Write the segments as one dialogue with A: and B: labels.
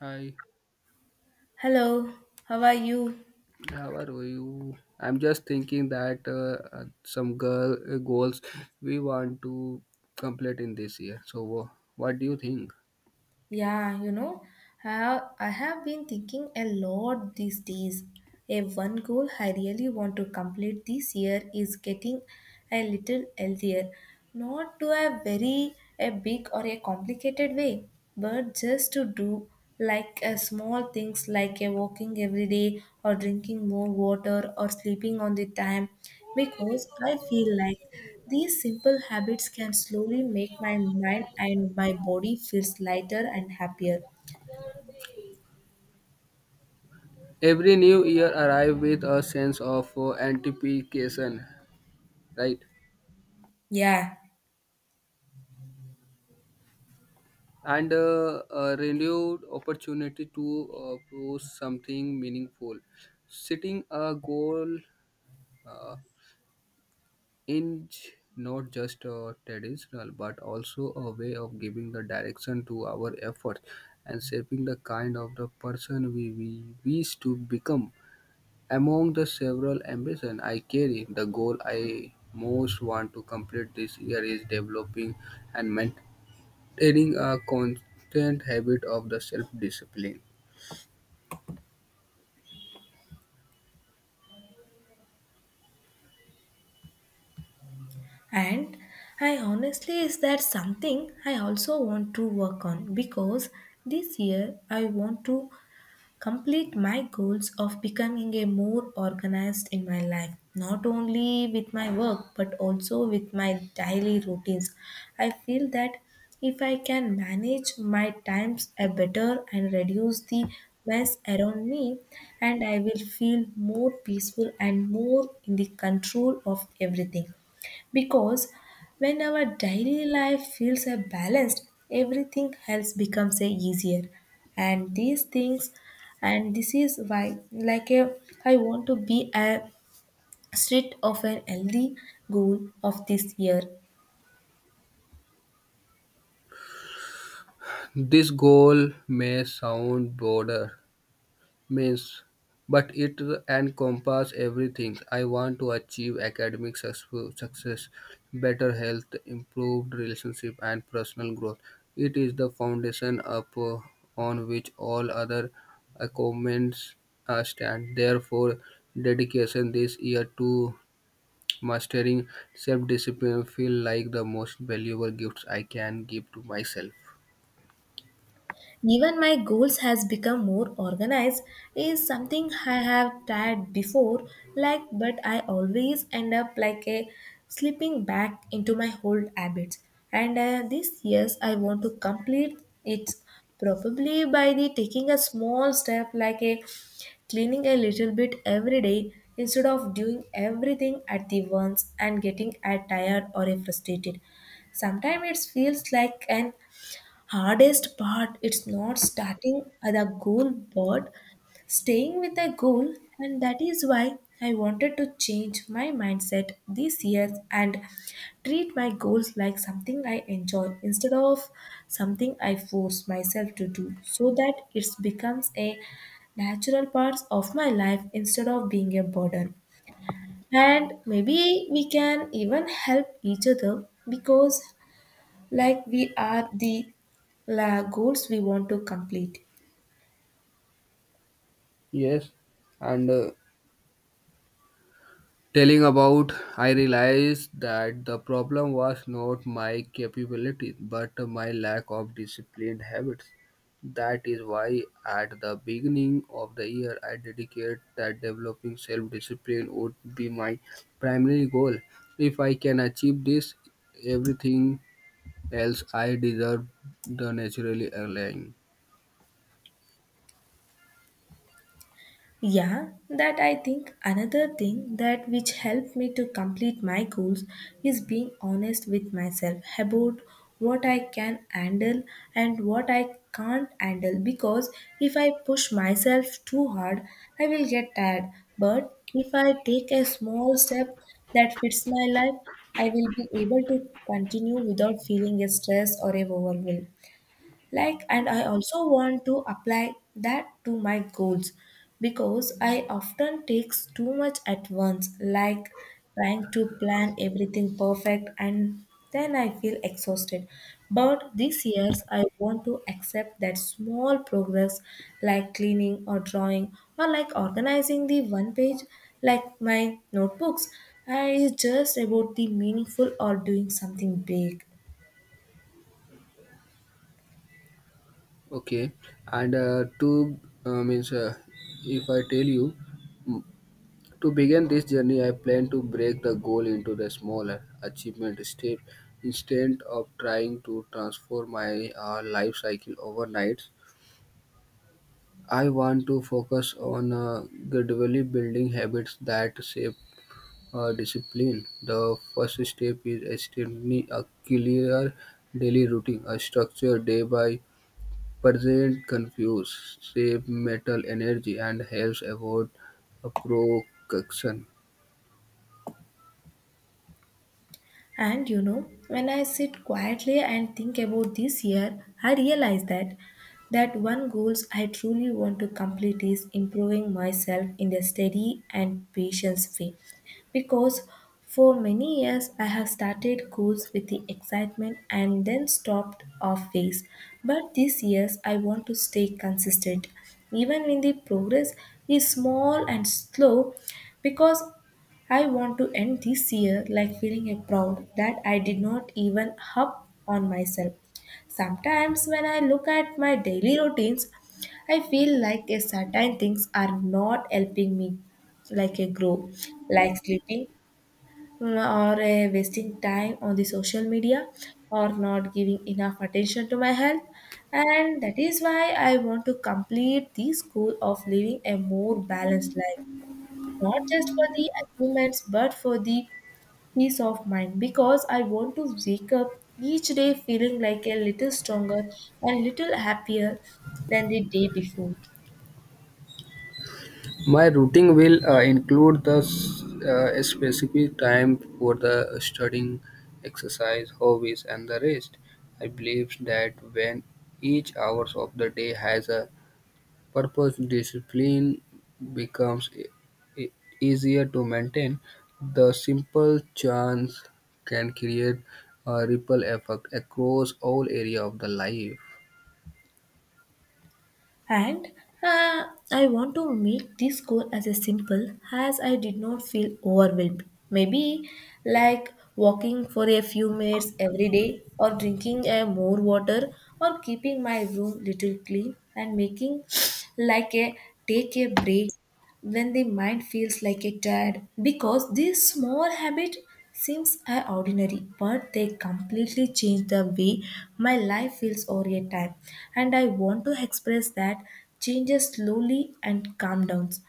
A: Hi,
B: Hello, how are you?
A: how are you? I'm just thinking that some girl goals we want to complete in this year. So, what do you think?
B: Yeah, I have been thinking a lot these days. A one goal I really want to complete this year is getting a little healthier. Not to a very a big or a complicated way, but just to do like a small things like a walking every day or drinking more water or sleeping on the time because I feel like these simple habits can slowly make my mind and my body feels lighter and happier.
A: Every new year arrive with a sense of anticipation, right?
B: Yeah,
A: And a renewed opportunity to prove something meaningful. Setting a goal. Uh, inch not just a traditional but also a way of giving the direction to our efforts and shaping the kind of the person we wish to become among the several ambitions I carry the goal I most want to complete this year is developing and maintaining a constant habit of the self-discipline.
B: and I honestly is that something I also want to work on because this year I want to complete my goals of becoming a more organized in my life, not only with my work but also with my daily routines. I feel that if I can manage my times a better and reduce the mess around me, and I will feel more peaceful and more in the control of everything, because when our daily life feels a balanced, everything else becomes a easier. And these things, and this is why, like a, I want to be a strict of an healthy goal of this year.
A: This goal may sound broader means, but it encompasses everything I want to achieve academic success, success, better health, improved relationship, and personal growth. It is the foundation upon which all other achievements stand. Therefore, dedication this year to mastering self-discipline feel like the most valuable gifts I can give to myself.
B: Even my goals has become more organized is something I have tried before, like, but I always end up like a slipping back into my old habits, and this years I want to complete it probably by the taking a small step like a cleaning a little bit every day instead of doing everything at the once and getting tired or frustrated. Sometimes it feels like an hardest part it's not starting at a goal but staying with a goal, and that is why I wanted to change my mindset this year and treat my goals like something I enjoy instead of something I force myself to do, so that it becomes a natural part of my life instead of being a burden. And maybe we can even help each other because like we are the la goals we want to complete.
A: Yes, and telling about I realized that the problem was not my capabilities but my lack of disciplined habits. That is why at the beginning of the year I dedicated that developing self discipline would be my primary goal. If I can achieve this everything else I deserve the naturally align.
B: Yeah, that I think another thing that which helped me to complete my goals is being honest with myself about what I can handle and what I can't handle, because if I push myself too hard I will get tired, but if I take a small step that fits my life I will be able to continue without feeling a stress or a overwhelm. Like, and I also want to apply that to my goals because I often takes too much at once, like trying to plan everything perfect and then I feel exhausted. But these years I want to accept that small progress, like cleaning or drawing or like organizing the one page like my notebooks, is just about the meaningful or doing something big.
A: Okay, and to means if I tell you to begin this journey, I plan to break the goal into the smaller achievement step instead of trying to transform my life cycle overnight. I want to focus on gradually building habits that shape discipline. The first step is establishing a clear daily routine, a structure day by present confuse, save mental energy, and helps avoid a procrastination.
B: And when I sit quietly and think about this year, I realize that that one goals I truly want to complete is improving myself in a steady and patient way. Because for many years I have started goals with the excitement and then stopped off phase. But this years I want to stay consistent even when the progress is small and slow, because I want to end this year like feeling a proud that I did not even up on myself. Sometimes when I look at my daily routines, I feel like a certain things are not helping me like a grow, like sleeping, or wasting time on the social media, or not giving enough attention to my health. And that is why I want to complete this goal of living a more balanced life, not just for the achievements but for the peace of mind, because I want to wake up each day feeling like a little stronger and little happier than the day before.
A: My routing will include the specific time for the studying, exercise, hobbies, and the rest. I believe that when each hour of the day has a purpose, discipline becomes e- easier to maintain. The simple chance can create a ripple effect across all area of the life.
B: And uh, I want to make this goal as a simple as I did not feel overwhelmed, maybe like walking for a few minutes every day or drinking a more water or keeping my room little clean and making like a take a break when the mind feels like a tired, because this small habit seems ordinary but they completely change the way my life feels over a time. And I want to express that changes slowly and calm downs.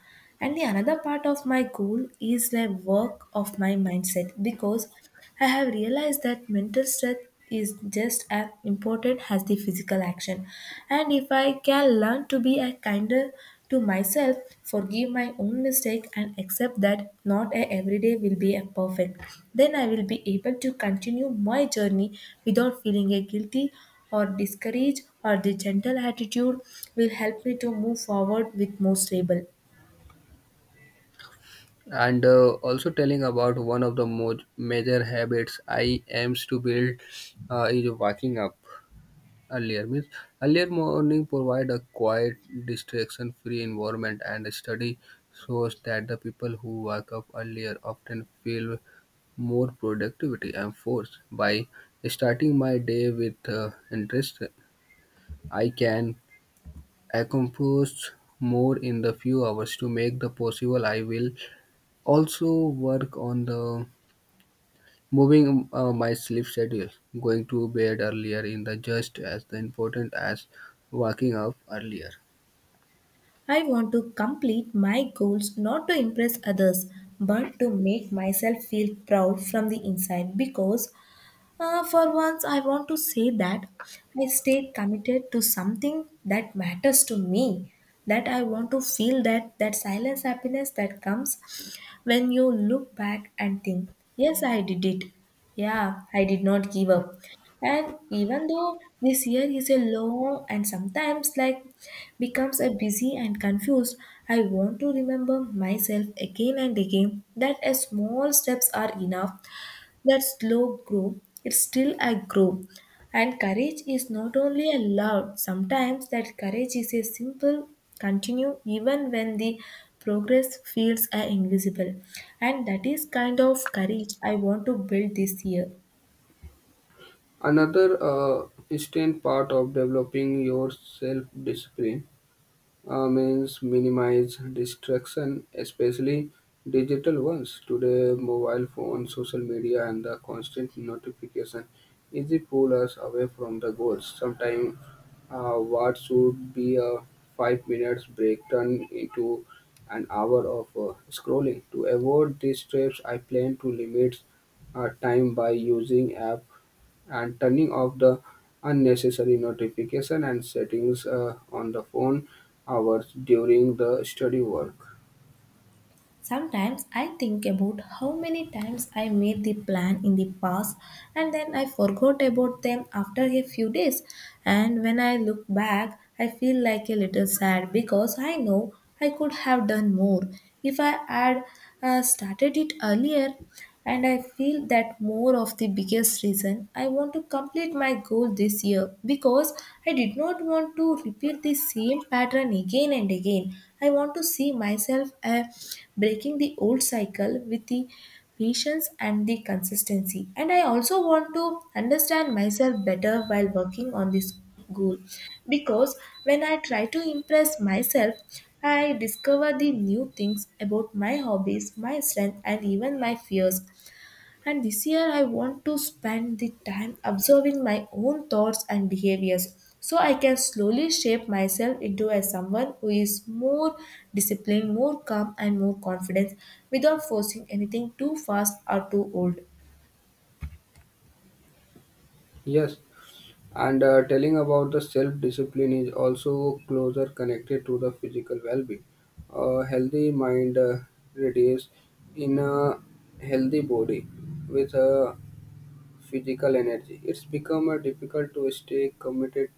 B: And the another part of my goal is the work of my mindset, because I have realized that mental strength is just as important as the physical action. And if I can learn to be a kinder to myself, forgive my own mistake and accept that not a every day will be a perfect, then I will be able to continue my journey without feeling a guilty or discouraged, or the gentle attitude will help me to move forward with more stable.
A: And also telling about one of the major habits I aims to build is waking up earlier means earlier morning provide a quiet distraction free environment and a study shows that the people who wake up earlier often feel more productivity and force. By starting my day with interest I can accomplish more in the few hours. To make the possible I will also work on the moving my sleep schedule, going to bed earlier in the just as important as waking up earlier.
B: I want to complete my goals not to impress others but to make myself feel proud from the inside, because for once I want to say that I stayed committed to something that matters to me, that I want to feel that that silence happiness that comes when you look back and think, yes, I did it. Yeah, I did not give up. And even though this year is a long and sometimes like becomes a busy and confused, I want to remember myself again and again that a small steps are enough, that slow grow, it's still a grow. And courage is not only a loud, sometimes that courage is a simple continue even when the progress feels invisible. And that is kind of courage I want to build this year.
A: Another instant part of developing your self discipline means minimize distraction, especially digital ones. Today, mobile phone, social media, and the constant notification easy pull us away from the goals. Sometimes, what should be a 5 minute break turn into an hour of scrolling. To avoid these traps, I plan to limit time by using app and turning off the unnecessary notification and settings on the phone hours during the study work.
B: Sometimes I think about how many times I made the plan in the past and then I forgot about them after a few days. And when I look back, I feel like a little sad, because I know I could have done more if I had started it earlier. And I feel that more of the biggest reason I want to complete my goal this year, because I did not want to repeat the same pattern again and again. I want to see myself breaking the old cycle with the patience and the consistency, and I also want to understand myself better while working on this goal, because when I try to impress myself, I discover the new things about my hobbies, my strength, and even my fears. And this year, I want to spend the time observing my own thoughts and behaviors so I can slowly shape myself into a someone who is more disciplined, more calm, and more confident without forcing anything too fast or too old.
A: Yes, and telling about the self discipline is also closer connected to the physical well being. A healthy mind radiates in a healthy body with a physical energy. It's become difficult to stay committed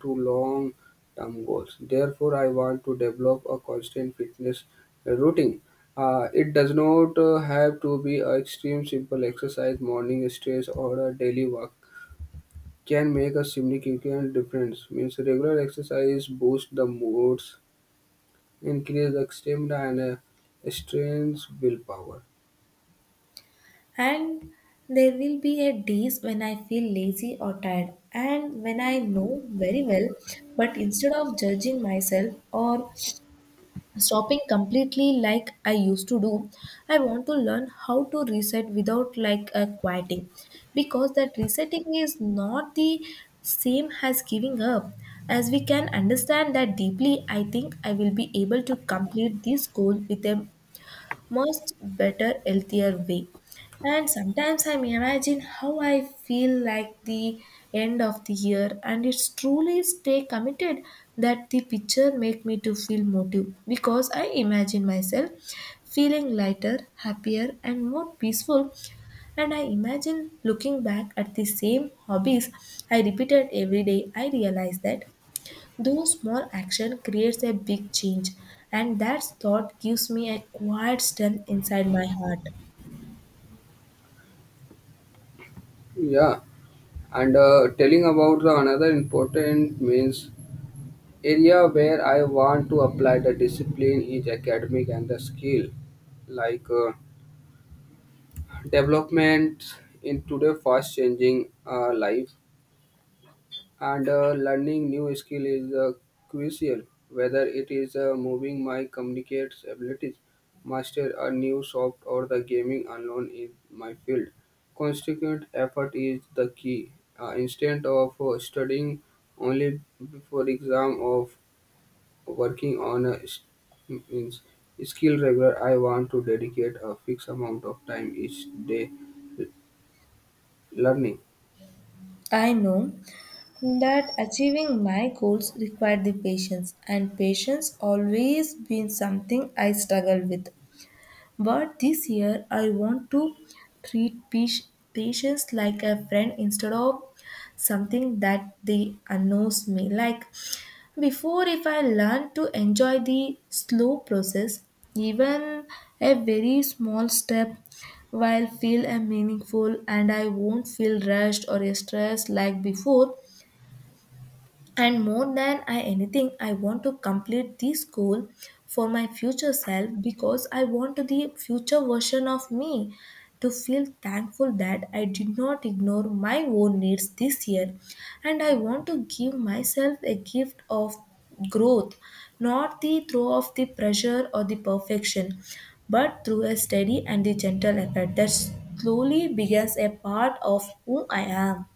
A: to long term goals. Therefore, I want to develop a constant fitness routine. It does not have to be an extreme simple exercise, morning stretch, or a daily walk. Can make a significant difference. Means regular exercise boosts the moods, increase the stamina, and strengthens willpower.
B: And there will be a days when I feel lazy or tired, and when I know very well, but instead of judging myself or stopping completely like I used to do, I want to learn how to reset without like a quieting, because that resetting is not the same as giving up. As we can understand that deeply, I think I will be able to complete this goal with a much better, healthier way. And sometimes I imagine how I feel like the end of the year, and it's truly stay committed, that the picture make me to feel motive, because I imagine myself feeling lighter, happier, and more peaceful. And I imagine looking back at the same hobbies I repeated every day, I realize that those small action creates a big change, and that thought gives me a quiet strength inside my heart.
A: Yeah, and telling about the another important means area where I want to apply the discipline is academic and the skill, like development in today fast changing life and learning new skill is crucial. Whether it is moving my communicates abilities, master a new soft or the gaming unknown in my field. Constant effort is the key. Instead of studying only before exam of working on a means skill regular, I want to dedicate a fixed amount of time each day learning.
B: I know that achieving my goals required the patience, and patience always been something I struggle with. But this year, I want to treat patients like a friend instead of something that they annoys me. Like, before, if I learn to enjoy the slow process, even a very small step will feel a meaningful and I won't feel rushed or stressed like before. And more than I anything, I want to complete this goal for my future self, because I want the future version of me to feel thankful that I did not ignore my own needs this year. And I want to give myself a gift of growth, not the throw of the pressure or the perfection, but through a steady and the gentle effort that slowly becomes a part of who I am.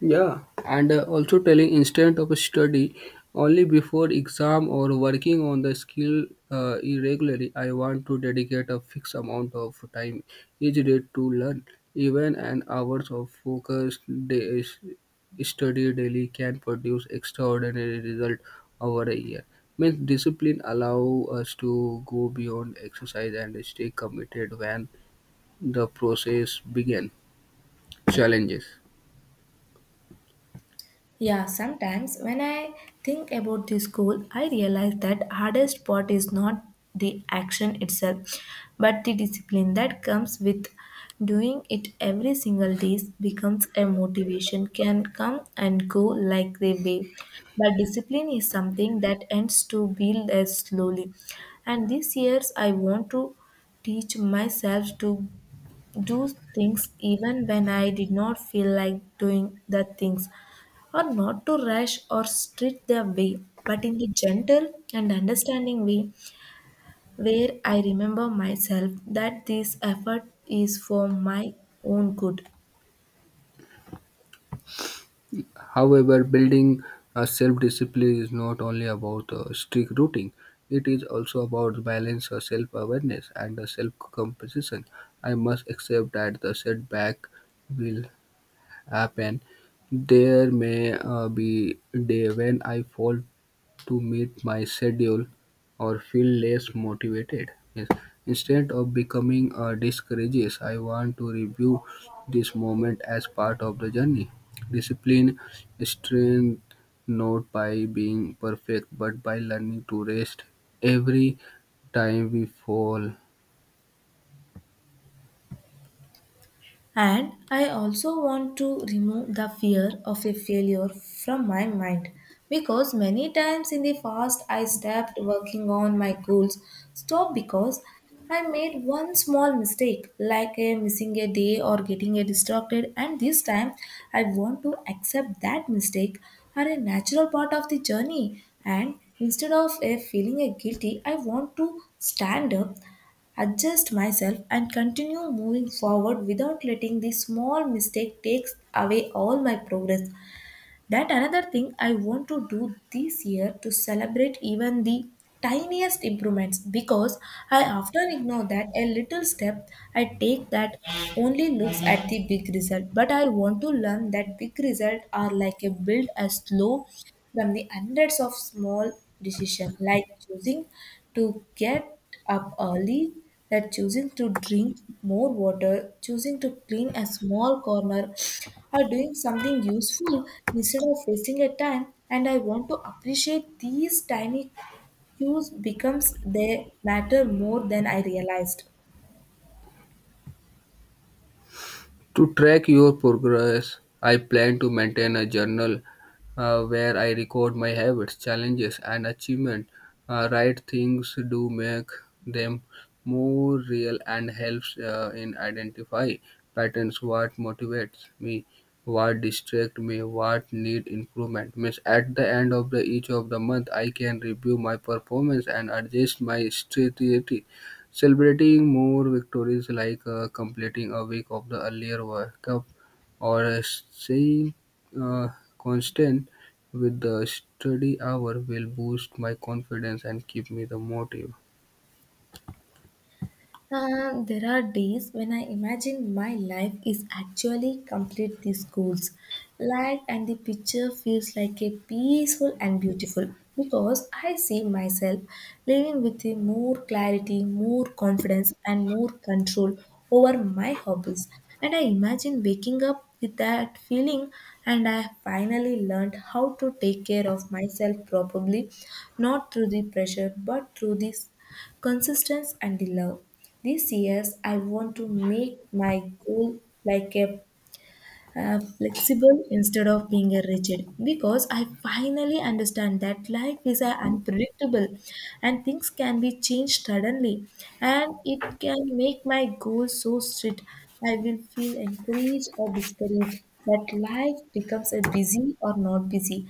A: Yeah, and also telling instead of study only before exam or working on the skill irregularly. I want to dedicate a fixed amount of time each day to learn. Even an hours of focused day study daily can produce extraordinary result over a year. Means discipline allow us to go beyond exercise and stay committed when the process begin challenges.
B: Yeah, sometimes when I think about this goal, I realize that hardest part is not the action itself, but the discipline that comes with doing it every single day becomes a motivation can come and go like the wave. But discipline is something that ends to build as slowly. And these years I want to teach myself to do things even when I did not feel like doing the things, or not to rush or strict their way, but in the gentle and understanding way where I remember myself that this effort is for my own good.
A: However, building a self-discipline is not only about strict routine. It is also about balance, self-awareness, and self-composition. I must accept that the setback will happen. There may be day when I fall to meet my schedule or feel less motivated. Yes. Instead of becoming a discourages, I want to review this moment as part of the journey. Discipline strength not by being perfect but by learning to rest every time we fall.
B: And I also want to remove the fear of a failure from my mind because many times in the past I stopped working on my goals, stop because I made one small mistake like a missing a day or getting a distracted, and this time I want to accept that mistake are a natural part of the journey, and instead of a feeling a guilty I want to stand up, adjust myself, and continue moving forward without letting the small mistake takes away all my progress. That another thing I want to do this year to celebrate even the tiniest improvements because I often ignore that a little step I take that only looks at the big result. But I want to learn that big results are like a build a slow from the hundreds of small decisions like choosing to get up early, that choosing to drink more water, choosing to clean a small corner, or doing something useful instead of wasting a time. And I want to appreciate these tiny cues becomes they matter more than I realized.
A: To track your progress, I plan to maintain a journal where I record my habits, challenges, and achievements. Right things do make them more real and helps in identify patterns what motivates me what distract me what need improvement means at the end of the each of the month I can review my performance and adjust my strategy. Celebrating more victories like completing a week of the earlier World Cup or staying uh, constant with the study hour will boost my confidence and keep me the motive.
B: There are days when I imagine my life is actually complete these goals. Like, and the picture feels like a peaceful and beautiful because I see myself living with a more clarity, more confidence, and more control over my hobbies. And I imagine waking up with that feeling, and I finally learned how to take care of myself properly, not through the pressure but through the consistency and the love. This year, I want to make my goal like a flexible instead of being a rigid because I finally understand that life is unpredictable and things can be changed suddenly and it can make my goals so strict. I will feel encouraged or discouraged that life becomes a busy or not busy,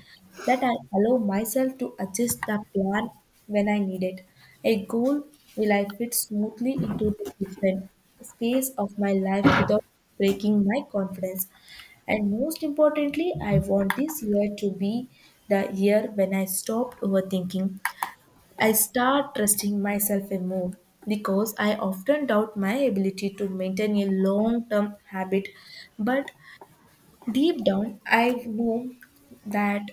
B: that I allow myself to adjust the plan when I need it. A goal will I fit smoothly into the different space of my life without breaking my confidence. And most importantly, I want this year to be the year when I stopped overthinking. I start trusting myself and more because I often doubt my ability to maintain a long term habit. But deep down, I know that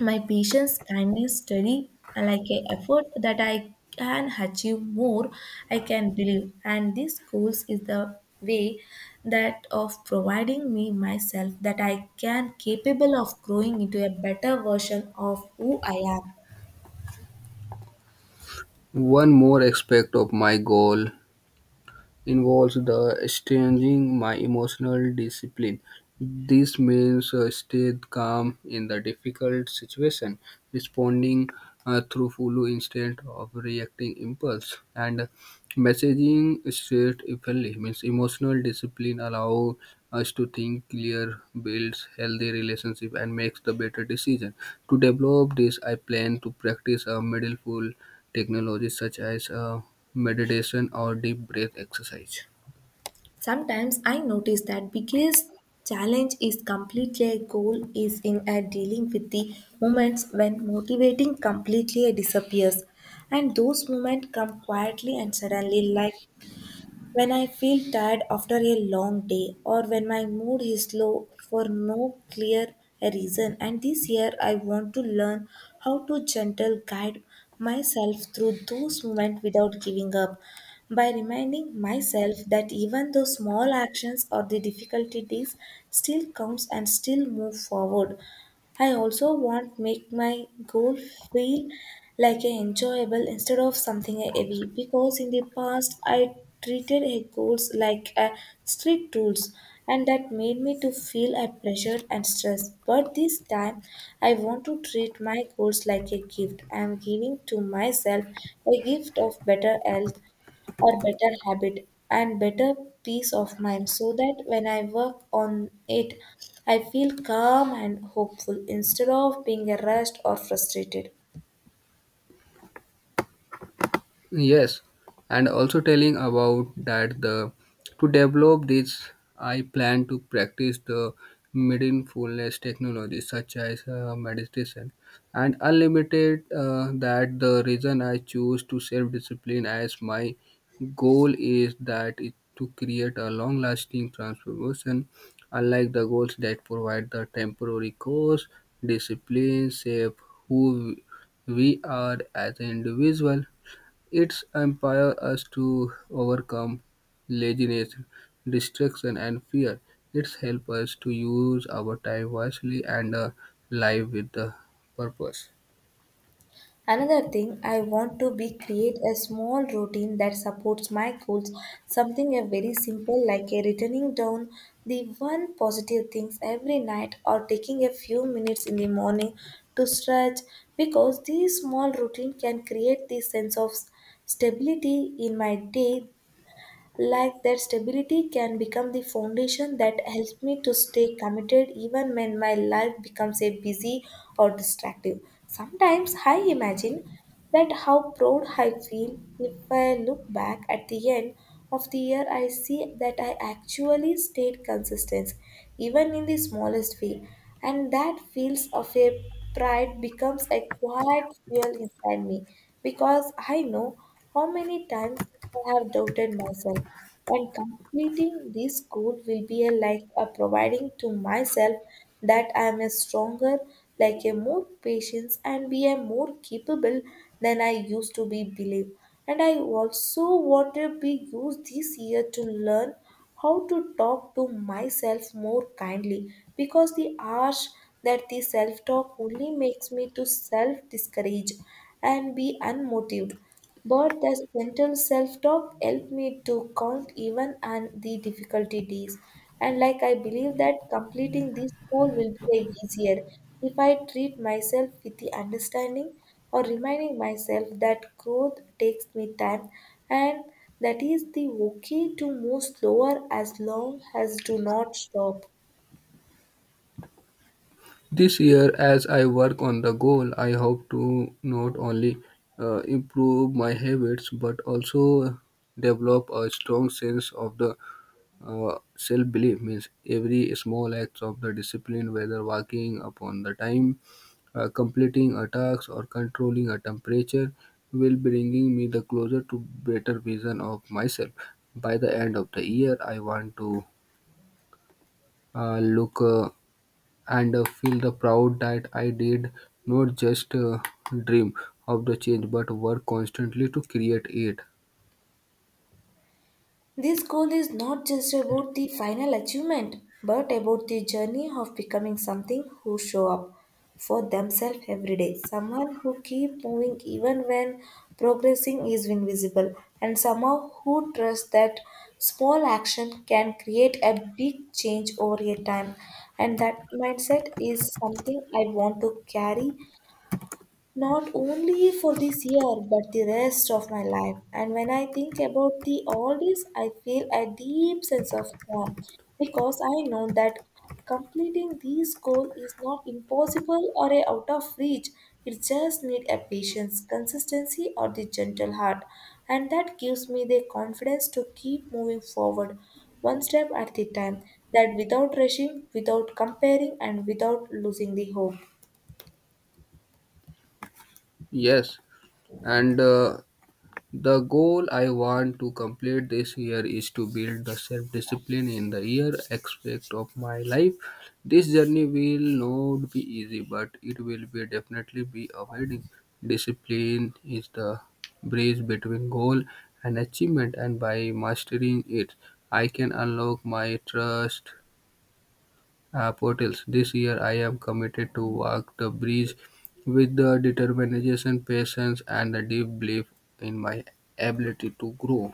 B: my patience, kindness, study, and like a effort that I can achieve more, I can believe. And these goals is the way that of providing me myself that I can capable of growing into a better version of who I am.
A: One more aspect of my goal involves the strengthening my emotional discipline. This means stay calm in the difficult situation, responding through full instead of reacting impulse, and messaging straight effectively means emotional discipline allow us to think clear, builds healthy relationship, and makes the better decision. To develop this, I plan to practice a mindful technology such as meditation or deep breath exercise.
B: Sometimes I notice that biggest challenge is completely a goal is in a dealing with the moments when motivating completely disappears, and those moments come quietly and suddenly, like when I feel tired after a long day or when my mood is low for no clear reason. And this year I want to learn how to gentle guide myself through those moments without giving up, by reminding myself that even though small actions or the difficulties still counts and still move forward. I also want make my goal feel like a enjoyable instead of something heavy because in the past I treated a goals like a strict rules and that made me to feel a pressure and stress, but this time I want to treat my goals like a gift I am giving to myself, a gift of better health or better habit and better peace of mind, so that when I work on it, I feel calm and hopeful instead of being rushed or frustrated.
A: Yes, and also telling about that the to develop this, I plan to practice the mindfulness technology such as meditation and unlimited. That the reason I choose to self discipline as my goal is that it to create a long lasting transformation, unlike the goals that provide the temporary cause, discipline shape who we are as an individual. Its empowers us to overcome laziness, distraction, and fear. It helps us to use our time wisely and live with the purpose.
B: Another thing, I want to be create a small routine that supports my goals, something a very simple like a writing down the one positive things every night or taking a few minutes in the morning to stretch, because this small routine can create the sense of stability in my day, like that stability can become the foundation that helps me to stay committed even when my life becomes a busy or distractive. Sometimes I imagine that how proud I feel if I look back at the end of the year I see that I actually stayed consistent even in the smallest way, and that feels of a pride becomes a quiet fuel inside me, because I know how many times I have doubted myself, and completing this goal will be a, like a providing to myself that I am a stronger, like a more patient, and be a more capable than I used to be believe. And I also want to be used this year to learn how to talk to myself more kindly, because the harsh that the self talk only makes me to self discourage and be unmotivated, but that gentle self talk helped me to count even on the difficulty days. And like I believe that completing this goal will be easier if I treat myself with the understanding, or reminding myself that growth takes me time and that is the okay to move slower as long as do not stop.
A: This year, as I work on the goal, I hope to not only improve my habits but also develop a strong sense of the self belief means every small act of the discipline, whether working upon the time, completing a task, or controlling a temperature, will bringing me the closer to better vision of myself. By the end of the year, I want to look and feel the proud that I did not just dream of the change, but work constantly to create it.
B: This goal is not just about the final achievement, but about the journey of becoming something who show up for themselves every day. Someone who keep moving even when progressing is invisible, and somehow who trust that small action can create a big change over a time. And that mindset is something I want to carry not only for this year but the rest of my life. And when I think about the all this I feel a deep sense of calm, because I know that completing this goal is not impossible or a out of reach. It just need a patience consistency or the gentle heart, and that gives me the confidence to keep moving forward one step at a time, that without rushing, without comparing, and without losing the hope.
A: Yes, and the goal I want to complete this year is to build the self discipline in the year aspect of my life. This journey will not be easy, but it will be definitely be awarding. Discipline is the bridge between goal and achievement, and by mastering it, I can unlock my trust, portals. This year, I am committed to walk the bridge with the determination, patience, and the deep belief in my ability to grow.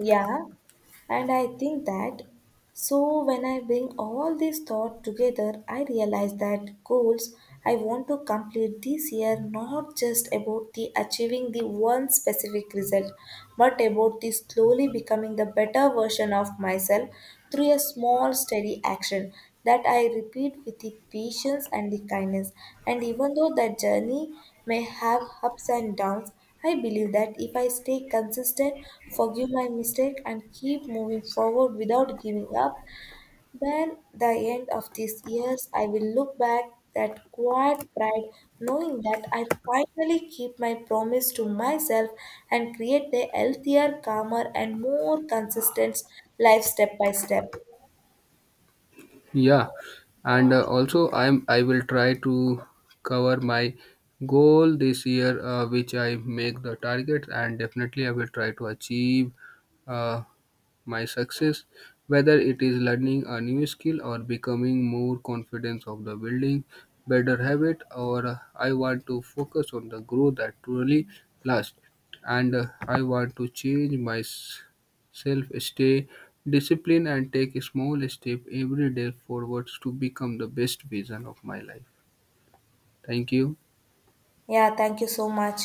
B: Yeah, and I think that so when I bring all these thought together, I realize that goals I want to complete this year not just about the achieving the one specific result, but about the slowly becoming the better version of myself through a small steady action that I repeat with the patience and the kindness. And even though that journey may have ups and downs, I believe that if I stay consistent, forgive my mistake, and keep moving forward without giving up, then the end of these years, I will look back that quiet pride, knowing that I finally keep my promise to myself and create a healthier, calmer, and more consistent life step by step.
A: Yeah, and also I will try to cover my goal this year, which I make the target, and definitely I will try to achieve. Uh, My success, whether it is learning a new skill or becoming more confident of the building better habit or I want to focus on the growth that truly lasts and I want to change myself stay disciplined and take a small step every day forwards to become the best vision of my life. Thank you.
B: Yeah, thank you so much.